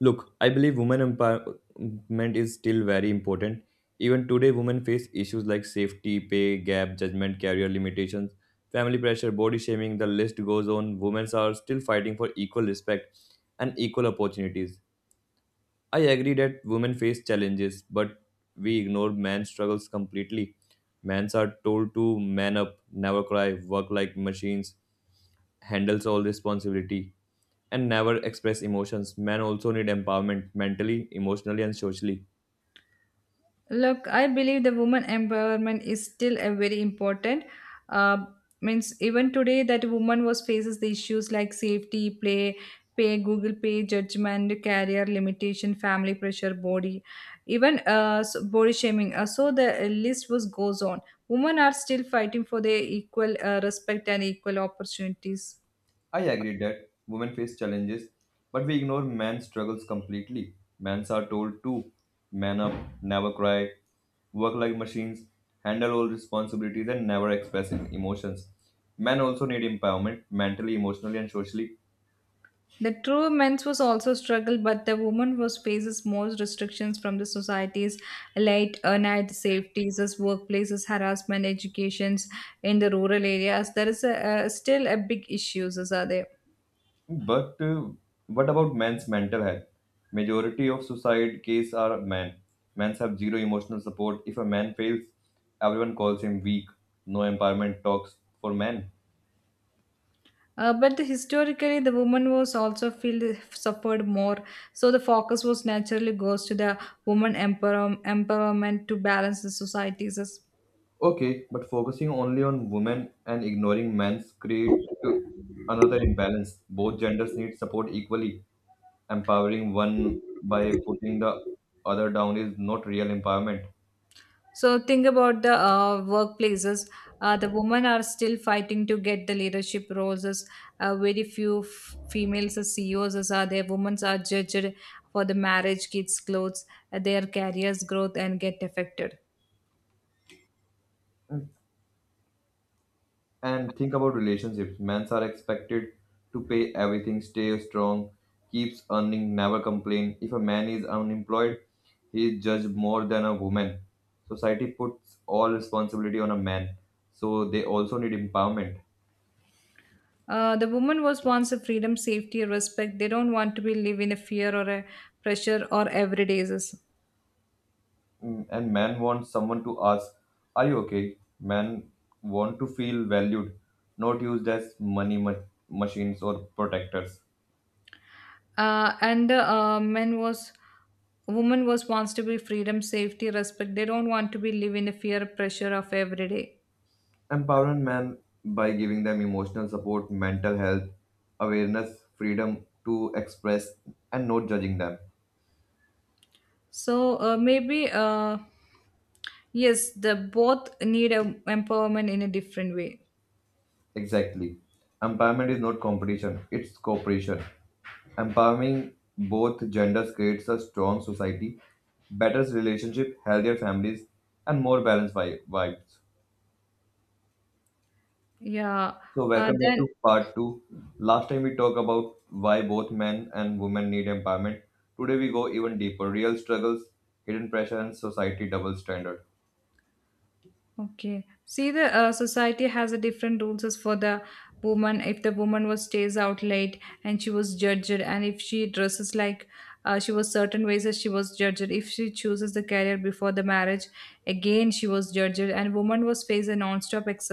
Look, I believe women empowerment is still very important. Even today, women face issues like safety, pay gap, judgment, career limitations, family pressure, body shaming, the list goes on. Women are still fighting for equal respect and equal opportunities. I agree that women face challenges, but we ignore men's struggles completely. Men are told to man up, never cry, work like machines, handles all responsibility, and never express emotions. Men also need empowerment mentally, emotionally, and socially. Look, I believe the woman empowerment is still a very important. Uh, Means even today that woman was faces the issues like safety, play, pay, Google Pay, judgment, career limitation, family pressure, body, even body shaming. So the list was goes on. Women are still fighting for their equal respect and equal opportunities. I agree that women face challenges, but we ignore men's struggles completely. Men are told to man up, never cry, work like machines, handle all responsibilities, and never express emotions. Men also need empowerment mentally, emotionally, and socially. The true men's was also struggle, but the woman was faces more restrictions from the society's late night safeties, as workplaces, harassment, educations in the rural areas. There is a, still a big issues as are there. But What about men's mental health? Majority of suicide cases are men. Men have zero emotional support. If a man fails, everyone calls him weak. No empowerment talks for men. But historically, the woman was also feel suffered more. So the focus was naturally goes to the woman empowerment to balance the societies. Okay, but focusing only on women and ignoring men's create to another imbalance. Both genders need support equally. Empowering one by putting the other down is not real empowerment. So think about the workplaces. The women are still fighting to get the leadership roles. As, very few females as CEOs as are there. Women are judged for the marriage, kids, clothes, their careers, growth, and get affected. And think about relationships. Men are expected to pay everything, stay strong, keeps earning, never complain. If a man is unemployed, he is judged more than a woman. Society puts all responsibility on a man, so they also need empowerment. The woman was once a freedom, safety, respect. They don't want to be live in a fear or a pressure or everyday's. Mm, and men want someone to ask, are you okay? Men want to feel valued, not used as machines or protectors. And the men was woman was wants to be freedom, safety, respect. They don't want to be live in a fear, pressure of everyday. Empowering men by giving them emotional support, mental health awareness, freedom to express, and not judging them. So maybe yes, the both need a empowerment in a different way. Exactly. Empowerment is not competition, it's cooperation. Empowering both genders creates a strong society, better relationship, healthier families, and more balanced vibes. Yeah. So, Uh, welcome back then to part two. Last time we talked about why both men and women need empowerment. Today we go even deeper: real struggles, hidden pressure, and society double standard. okay. See, the society has a different rules as for the woman. If the woman was stays out late and she was judged, and if she dresses like she was certain ways that she was judged. If she chooses the career before the marriage, again she was judged, and woman was faced a non-stop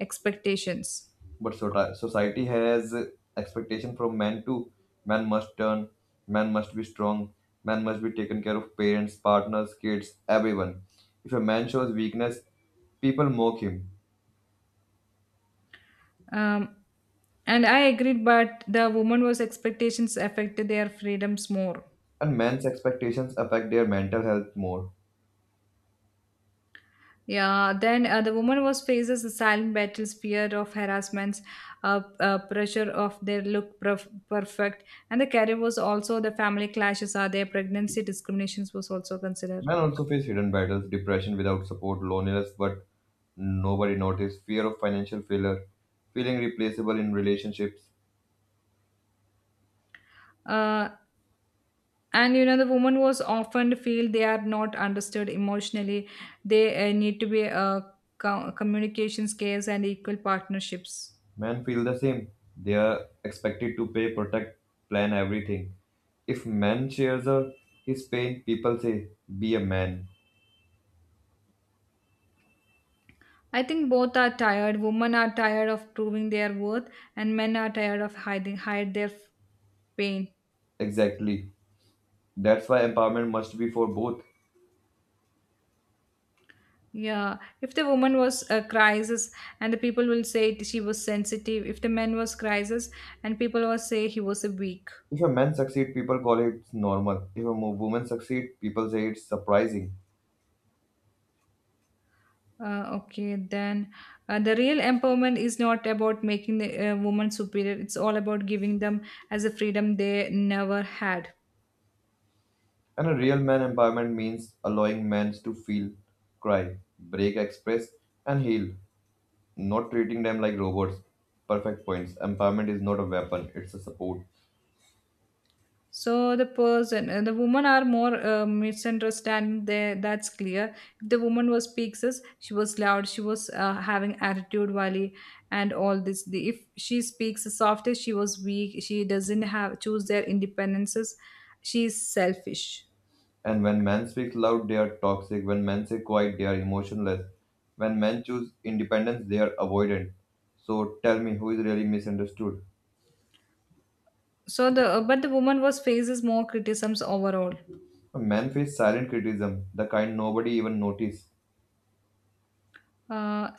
expectations. But society has expectation from men too. Men must turn, men must be strong, men must be taken care of parents, partners, kids, everyone. If a man shows weakness, people mock him, Um, And I agreed, but the woman was expectations affected their freedoms more. and men's expectations affect their mental health more. Yeah, then the woman was faces the silent battles, fear of harassments, pressure of their look perfect, and the career was also the family clashes are there, pregnancy discriminations was also considered. Men also face hidden battles, depression without support, loneliness but nobody noticed, fear of financial failure, feeling replaceable in relationships. Uh, and you know the woman was often feel they are not understood emotionally. They need to be communication skills and equal partnerships. Men feel the same. They are expected to pay, protect, plan everything. If man shares a, his pain, people say, be a man. I think both are tired. Women are tired of proving their worth, and men are tired of hiding hide their pain. Exactly. That's why empowerment must be for both. Yeah, if the woman was a crisis, and the people will say she was sensitive. If the man was crisis, and people will say he was a weak. If a man succeed, people call it normal. If a woman succeed, people say it's surprising. Okay, then, the real empowerment is not about making the woman superior. It's all about giving them as a freedom they never had. And a real man empowerment means allowing men to feel, cry, break, express, and heal, not treating them like robots. Perfect points. Empowerment is not a weapon, it's a support. So the person, the women are more misunderstanding there. That's clear. If the woman was speaks as she was loud, she was having attitude, valley, and all this. The, if she speaks softly, she was weak. She doesn't have choose their independences. She is selfish. And when men speak loud, they are toxic. When men say quiet, they are emotionless. When men choose independence, they are avoidant. So tell me, who is really misunderstood? So the but the woman was faces more criticisms overall. Men face silent criticism, the kind nobody even notice. Uh,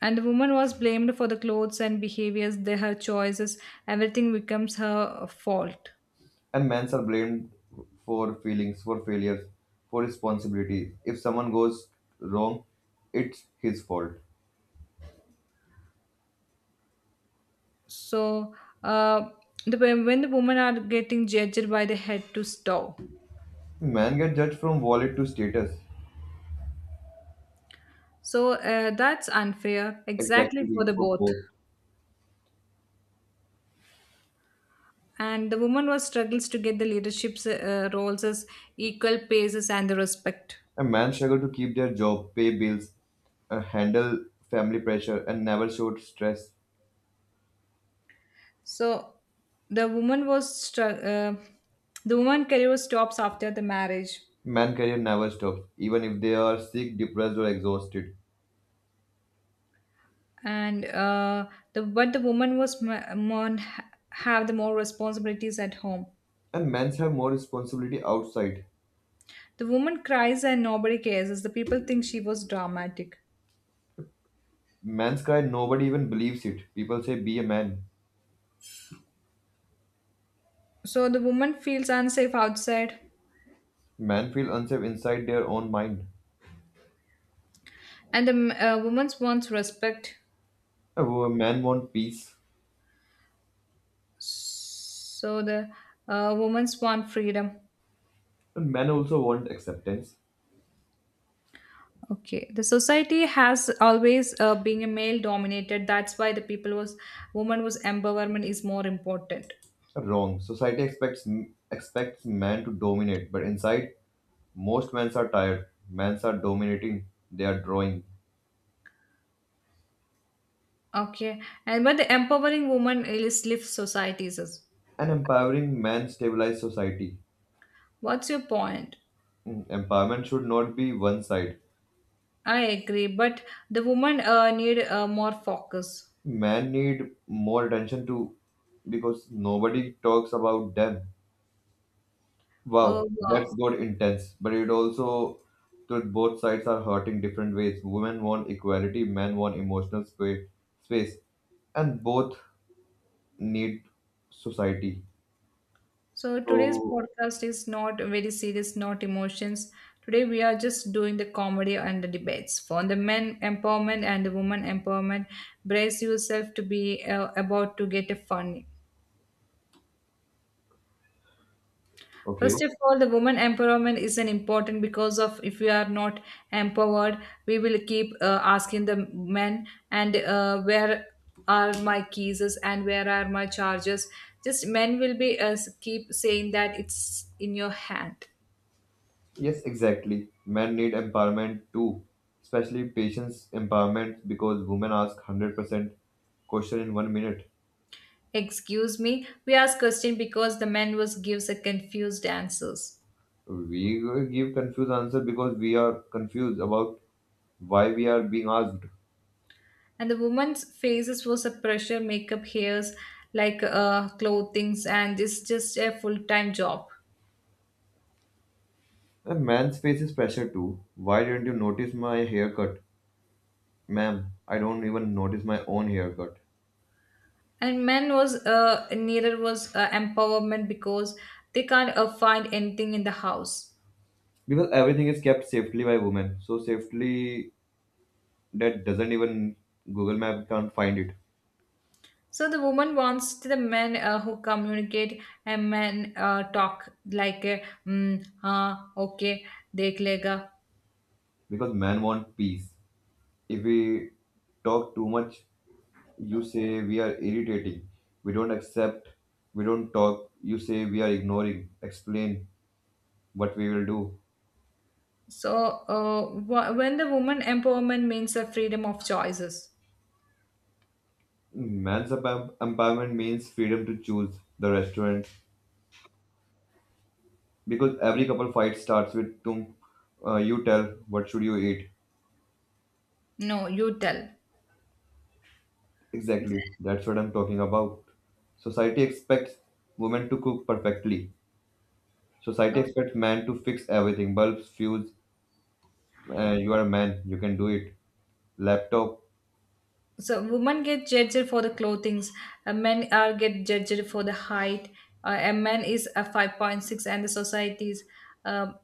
and the woman was blamed for the clothes and behaviors, their her choices. Everything becomes her fault. And men are blamed for feelings, for failures, for responsibilities. If someone goes wrong, it's his fault. So uh, the when the women are getting judged by the head to toe, Men get judged from wallet to status. so that's unfair exactly Exactly for the for both. both. And the woman was struggles to get the leadership roles as equal paces and the respect. And men struggle to keep their job, pay bills, handle family pressure, and never show stress. So the woman was str- uh, the woman career stops after the marriage, Man career never stops, even if they are sick, depressed, or exhausted. and the but the woman was ma- mon- have the more responsibilities at home. And men's have more responsibility outside. The woman cries and nobody cares, as the people think she was dramatic. Men's cry, nobody even believes it. People say, be a man. So the woman feels unsafe outside, Men feel unsafe inside their own mind. and the woman wants respect. A man want peace, So the woman wants freedom. but men also want acceptance. Okay, the society has always being a male dominated. That's why the people was woman was empowerment is more important. Wrong. Society expects men to dominate, but inside, most men are tired. Men are dominating. They are drawing. Okay, and but the empowering woman is lift societies. Is- An empowering man stabilize society. What's your point? Mm, empowerment should not be one side. I agree, but the woman need more focus. Men need more attention to, because nobody talks about them. Wow, Oh, that's wow. good intense. But it also that both sides are hurting different ways. Women want equality, men want emotional space, and both need society. So today's So, podcast is not very serious, not emotions. Today we are just doing the comedy and the debates for the men empowerment and the woman empowerment. Brace yourself to be about to get a fun. okay. First of all, the woman empowerment is an important because of if we are not empowered, we will keep asking the men and where are my keys and where are my charges. Just men will be keep saying that it's in your hand. Yes, exactly. Men need empowerment too, especially patience empowerment because women ask 100% question in 1 minute. Excuse me, we ask question because the man was gives a confused answers. We give confused answer because we are confused about why we are being asked. And the woman's faces was a pressure, makeup, hairs, like clothings, and it's just a full-time job. A man's faces pressure too. Why didn't you notice my haircut? Ma'am, I don't even notice my own haircut. And men was needed was empowerment because they can't find anything in the house. Because everything is kept safely by women. So safely that doesn't even Google Map can't find it. So the woman wants to the men who communicate and men talk like okay देख लेगा. Because men want peace. If we talk too much, you say we are irritating. We don't accept. We don't talk. You say we are ignoring. Explain what we will do. So when the woman empowerment means the freedom of choices. Man's empowerment means freedom to choose the restaurant, because every couple fight starts with you tell what should you eat. No, you tell. Exactly, that's what I'm talking about. Society expects women to cook perfectly. Society expects men to fix everything, bulbs, fuse. You are a man, you can do it. Laptop. So women get judged for the clothings, men are get judged for the height. A man is a 5.6 and the society's um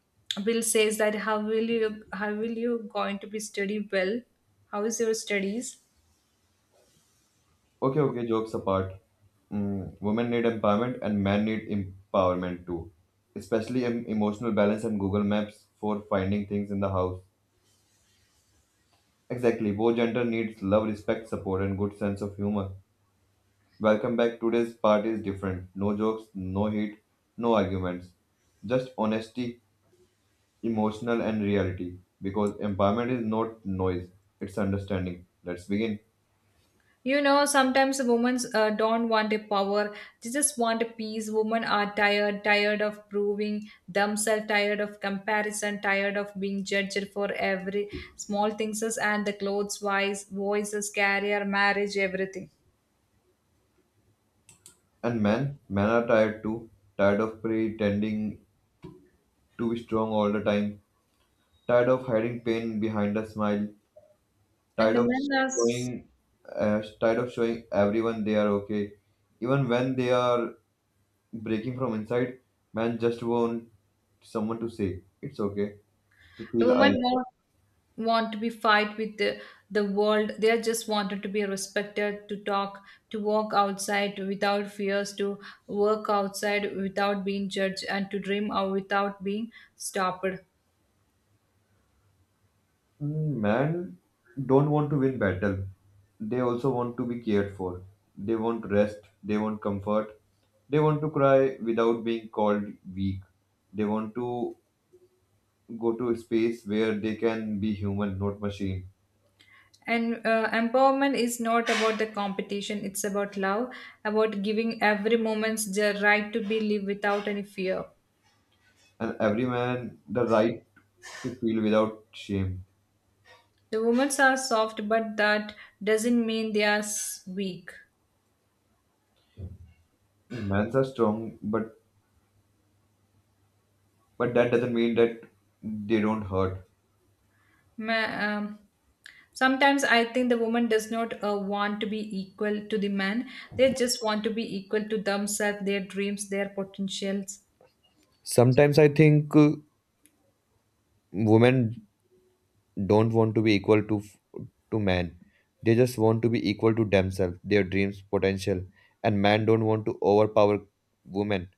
will says that how will you going to be study well, how is your studies. Okay, okay. Jokes apart. Mm, women need empowerment and men need empowerment too. Especially emotional balance and Google Maps for finding things in the house. Exactly. Both gender needs love, respect, support, and good sense of humor. Welcome back. Today's part is different. No jokes, no heat, no arguments. Just honesty, emotional, and reality. Because empowerment is not noise, it's understanding. Let's begin. You know, sometimes women don't want a power. They just want a peace. Women are tired, tired of proving themselves, tired of comparison, tired of being judged for every small things as- and the clothes, wise, voices, career, marriage, everything. And men, are tired too. Tired of pretending to be strong all the time. Tired of hiding pain behind a smile. And Tired the of men are, s- showing, tired of showing everyone they are okay, even when they are breaking from inside. Men just want someone to say it's okay. To the feel I. women want to be fight with the world. They are just wanted to be respected, to talk, to walk outside without fears, to work outside without being judged, and to dream out without being stopped. Mm, man don't want to win battle. They also want to be cared for. They want rest. They want comfort. They want to cry without being called weak. They want to go to a space where they can be human, not machine. And empowerment is not about the competition, it's about love, about giving every moment the right to be live without any fear. And every man the right to feel without shame. The women are soft, but that doesn't mean they are weak. Men's are strong, but that doesn't mean that they don't hurt. Ma- um, Sometimes I think the woman does not want to be equal to the man. They just want to be equal to themselves, their dreams, their potentials. Sometimes I think women don't want to be equal to man, they just want to be equal to themselves, their dreams, potential, and man don't want to overpower women,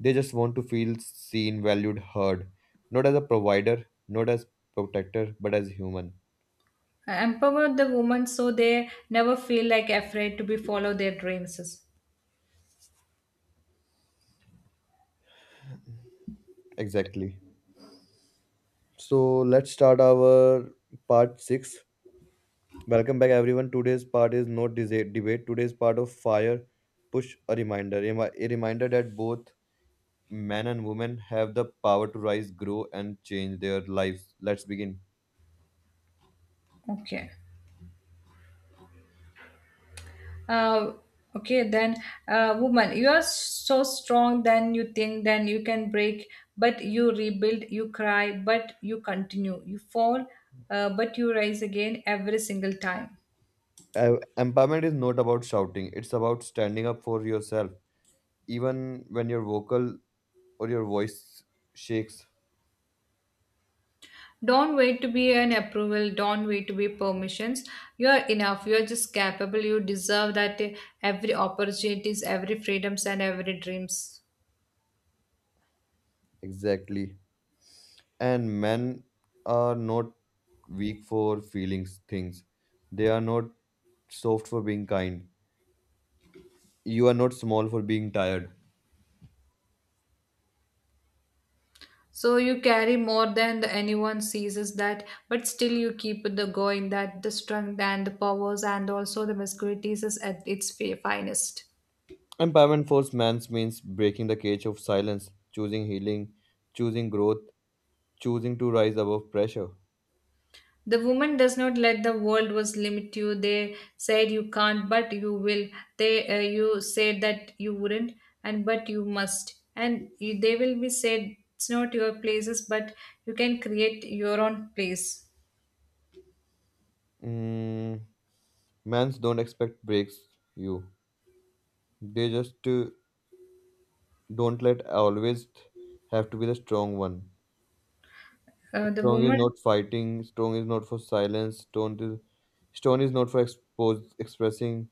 they just want to feel seen, valued, heard, not as a provider, not as protector, but as human. Empower the woman so they never feel like afraid to be follow their dreams. Exactly. So let's start our part 6. Welcome back everyone. Today's part is not debate, today's part of fire, push a reminder, a reminder that both men and women have the power to rise, grow, and change their lives. Let's begin. Okay. Uh, okay, then, Woman, you are so strong, then you think, then you can break, but you rebuild, you cry, but you continue. You fall, but you rise again every single time. Empowerment is not about shouting, it's about standing up for yourself, even when your vocal or your voice shakes. Don't wait to be an approval. Don't wait to be permissions. You are enough. You are just capable. You deserve that every opportunities, every freedoms, and every dreams. Exactly. And men are not weak for feelings, things. They are not soft for being kind. You are not small for being tired. So you carry more than anyone sees is that, but still you keep the going, that the strength and the powers and also the masculinities is at its finest. Empowerment for men means breaking the cage of silence, choosing healing, choosing growth, choosing to rise above pressure. The woman does not let the world was limit you. They said you can't, but you will. They you said that you wouldn't, and but you must. And you, they will be said it's not your places, but you can create your own place. Mm, mans don't expect breaks you. They just don't let always have to be the strong one. Uh, the Strong is woman, not fighting. Strong is not for silence. Strong is not for expose expressing.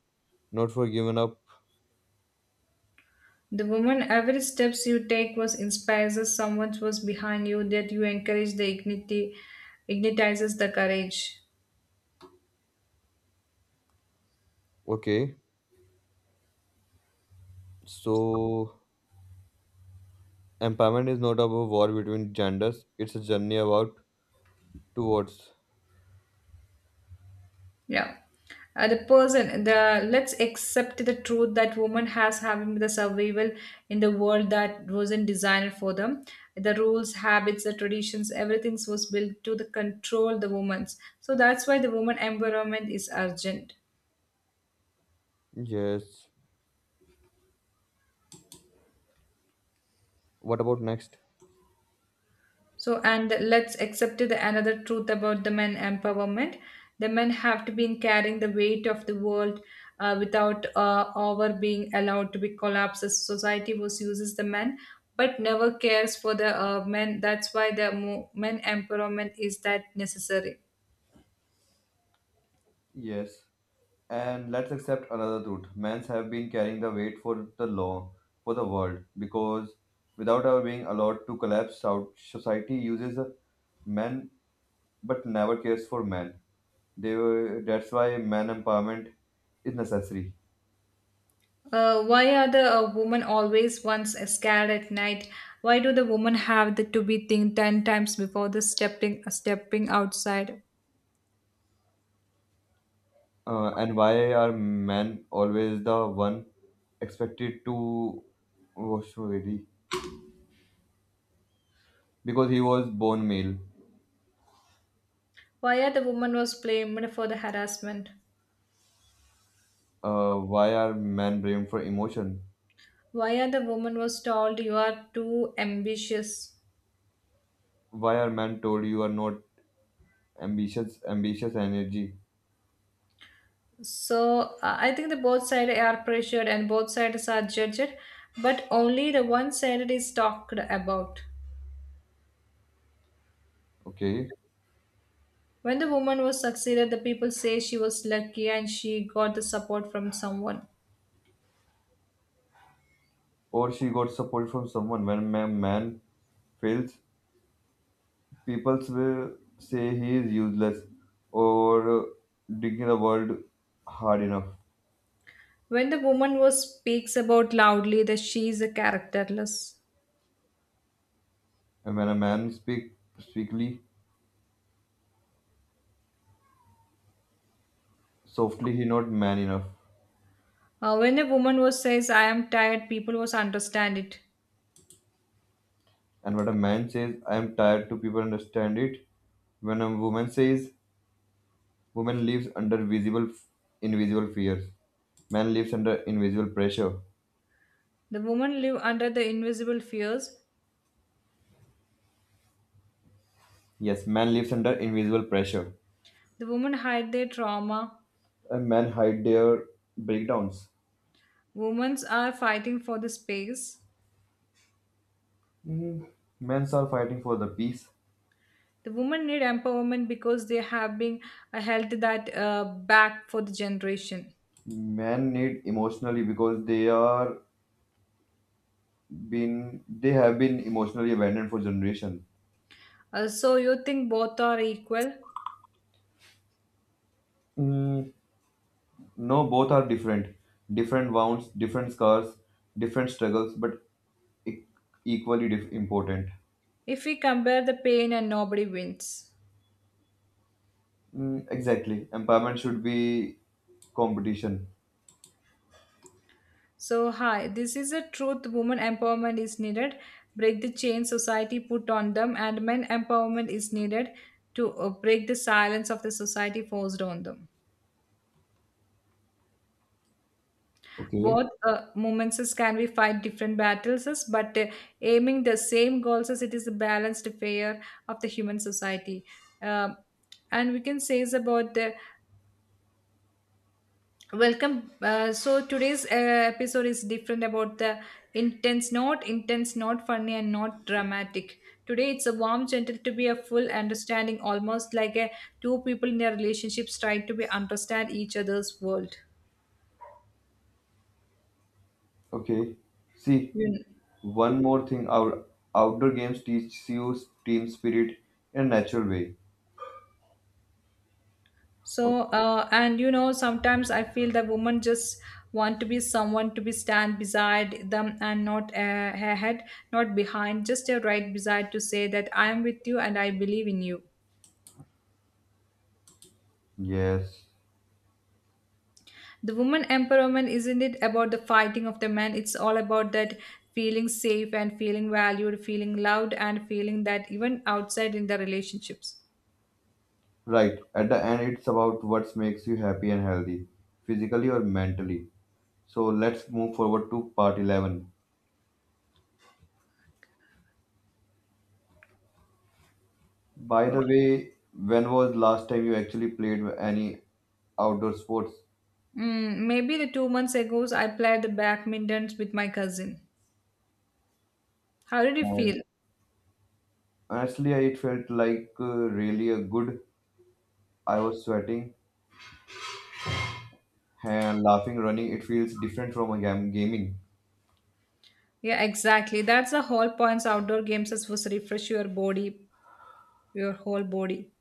Not for giving up. the woman, every steps you take was inspires us. Someone was behind you that you encourage the dignity, ignitizes the courage. Okay, so empowerment is not about war between genders. It's a journey about towards. Yeah. The person the Let's accept the truth that woman has having the survival in the world that wasn't designed for them, the rules, habits, the traditions, everything was built to the control the woman's, so that's why the woman empowerment is urgent. Yes. What about next? So, and let's accept the another truth about the men empowerment. The men have to be carrying the weight of the world without over being allowed to be collapses. Society was uses the men, but never cares for the men. That's why the men empowerment is that necessary. Yes. And let's accept another truth. Men have been carrying the weight for the law, for the world, because without our being allowed to collapse, society uses men but never cares for men. They were, that's why man empowerment is necessary. Why are the women always once scared at night? Why do the women have the, to be think 10 times before the stepping outside? And why are men always the one expected to wash ready? Because he was born male. Why the woman was blamed for the harassment? Why are men blamed for emotion? Why the woman was told you are too ambitious? Why are men told you are not ambitious energy? So I think the both sides are pressured and both sides are judged, but only the one side is talked about. Okay, When the woman was succeeded, the people say she was lucky and she got the support from someone. or she got support from someone. When a man fails, people will say he is useless, or digging the world hard enough. When the woman was speaks about loudly that she is a characterless. And when a man speakly softly, he not man enough. When a woman was says I am tired, people was understand it. And when a man says I am tired to, people understand it. When a woman says, woman lives under visible invisible fears, man lives under invisible pressure. The women live under the invisible fears. Yes, man lives under invisible pressure. The women hide their trauma. And men hide their breakdowns. Women are fighting for the space. Mhm. Men are fighting for the peace. The women need empowerment because they have been held that back for the generation. Men need emotionally because been they have been emotionally abandoned for generation. So you think both are equal? Mm, no, both are different, different wounds, different scars, different struggles, but e- equally important. If we compare the pain and nobody wins. Mm, exactly, empowerment should be competition. So hi, this is a truth. Women empowerment is needed. Break the chain society put on them, and men empowerment is needed to break the silence of the society forced on them. Okay. Both moments is can we fight different battles is, but aiming the same goals as it is a balanced fair of the human society. Um and we can say is about the welcome so today's episode is different about the intense, not intense, not funny and not dramatic. Today it's a warm gentle to be a full understanding almost like a two people in their relationships trying to be understand each other's world. Okay, see. You. One more thing, our outdoor games teach you team spirit in a natural way. So, sometimes I feel that women just want to be someone to be stand beside them and not ahead, not behind, just a right beside to say that I am with you and I believe in you. Yes, The woman empowerment isn't it about the fighting of the men? It's all about that feeling safe and feeling valued, feeling loved, and feeling that even outside in the relationships. right. At the end, it's about what makes you happy and healthy, physically or mentally. So let's move forward to part 11. By the Okay. way, when was last time you actually played any outdoor sports? Mm, maybe the 2 months ago, I played the badminton with my cousin. How did you And feel? honestly, it felt like really a good. I was sweating and laughing, running. It feels different from a gaming. Yeah, exactly. That's the whole points outdoor games is was refresh your body, your whole body.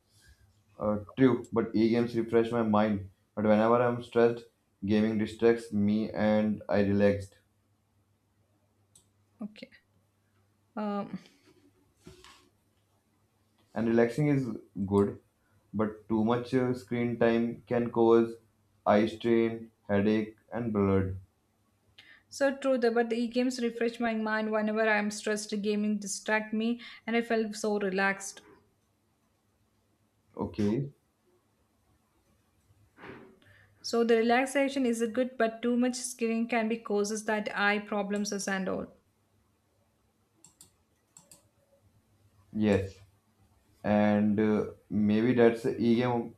True, but e-games refresh my mind. But whenever I'm stressed, gaming distracts me and I relaxed. Okay. Um And relaxing is good, but too much screen time can cause eye strain, headache, and blood. so true the but the games refresh my mind whenever I'm stressed, gaming distract me and I felt so relaxed. Okay. So the relaxation is a good but too much screen can be causes that eye problems is and all. Yes, and maybe that's a e-game.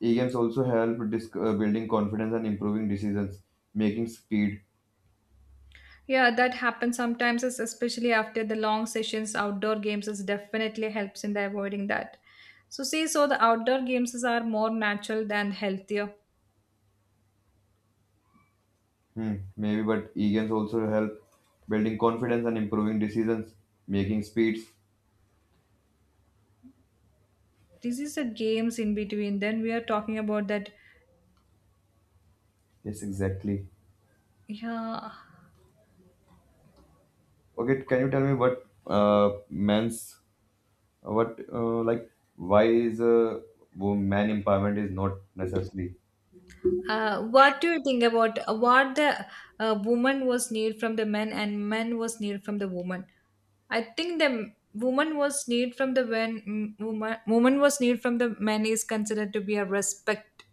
E-games also help building confidence and improving decisions, making speed. Yeah, that happens sometimes is especially after the long sessions, outdoor games is definitely helps in the avoiding that. So see, so the outdoor games is are more natural than healthier, Hmm, maybe, but e-games also help building confidence and improving decisions, making speeds. this is the games in between then we are talking about that. Yes, exactly. Yeah. Okay, can you tell me what men's, what like why is a man empowerment is not necessary? What do you think about what the woman was need from the man and man was need from the woman? I think the woman was need from the when mm, woman woman was need from the man is considered to be a respect,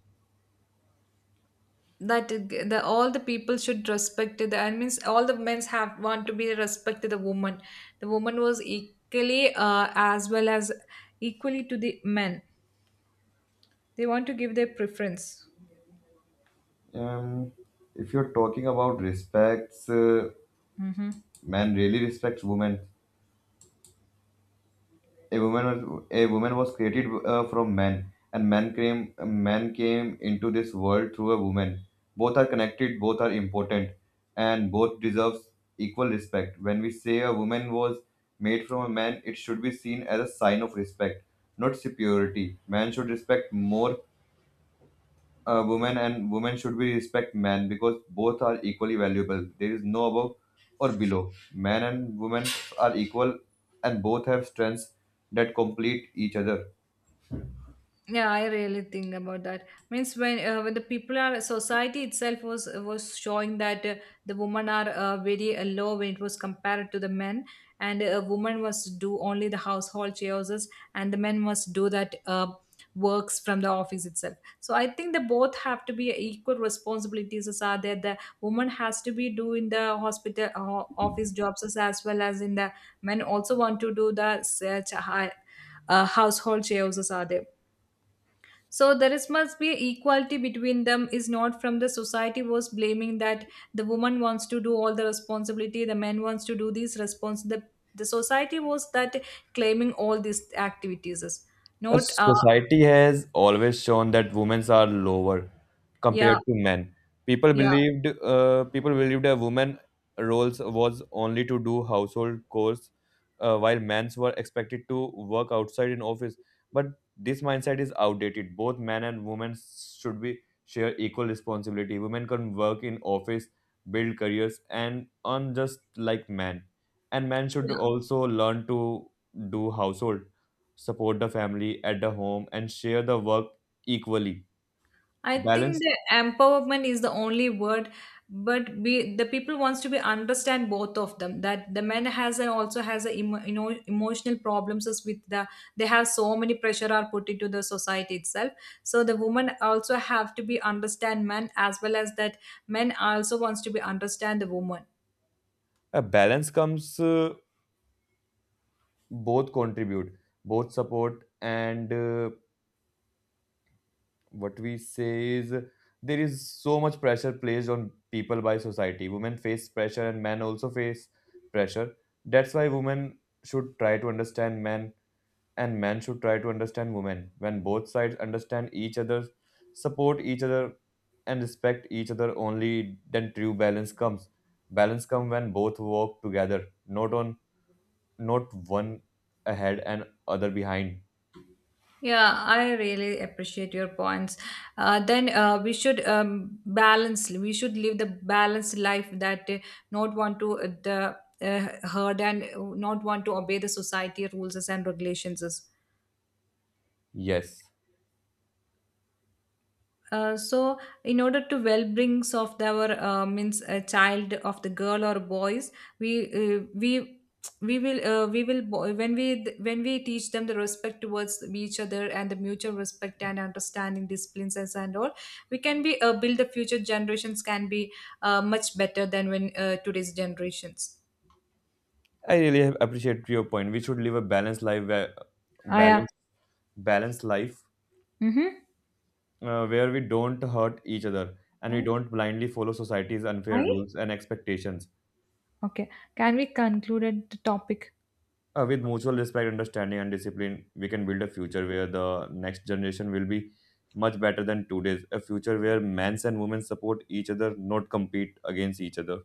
that the all the people should respect the I means all the men have want to be respect to the woman, the woman was equally as well as equally to the men. They want to give their preference. Um, if you're talking about respects, Hmm. man really respects women. A woman was created from man, and man came into this world through a woman. Both are connected, both are important, and both deserves equal respect. When we say a woman was made from a man, it should be seen as a sign of respect, not superiority. Man should respect more women, and women should be respect men, because both are equally valuable. There is no above or below. Men and women are equal, and both have strengths that complete each other. Yeah, I really think about that. Means when the people are society itself was showing that the women are very low when it was compared to the men, and a woman must do only the household chores, and the men must do that works from the office itself. So I think they both have to be equal responsibilities as are there. The woman has to be doing the hospital office jobs as well as in the men also want to do the uh, ch- hi- household chores as are there, so there is must be equality between them is not from the society was blaming that the woman wants to do all the responsibility, the man wants to do these response. The society was that claiming all these activities, not Society has always shown that women are lower compared yeah to men. People yeah. believed uh, people believed a woman roles was only to do household chores, while men's were expected to work outside in office. But this mindset is outdated. Both men and women should be share equal responsibility. Women can work in office, build careers, and earn just like men. And men should also learn to do household, support the family at the home, and share the work equally. I think Balance. the empowerment is the only word, but we, the people wants to be understand both of them. That the man has and also has a emotional problems is with the, they have so many pressure are put into the society itself. So the woman also have to be understand man as well as that men also wants to be understand the woman. A balance comes, both contribute, both support, and what we say is there is so much pressure placed on people by society. Women face pressure and men also face pressure. That's why women should try to understand men, and men should try to understand women. When both sides understand each other, support each other, and respect each other, only then true balance comes. Balance comes when both work together, not one ahead and other behind. Yeah, I really appreciate your points. Then we should balance. We should live the balanced life that not want to the herd and not want to obey the society rules and regulations. Yes, So in order to well brings of our means a child of the girl or boys, we uh, we we will when we teach them the respect towards each other and the mutual respect and understanding disciplines as and all, we can be build the future generations can be much better than when today's generations. I really appreciate your point. We should live a balanced life, where Ah, yeah. balance balanced life, Mm-hmm. Where we don't hurt each other and we Hi. don't blindly follow society's unfair Hi. rules and expectations. Okay, can we conclude the topic? With mutual respect, understanding, and discipline, we can build a future where the next generation will be much better than today's. A future where men and women support each other, not compete against each other.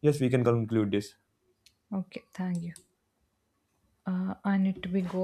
Yes, we can conclude this. Okay, thank you. I need to be go.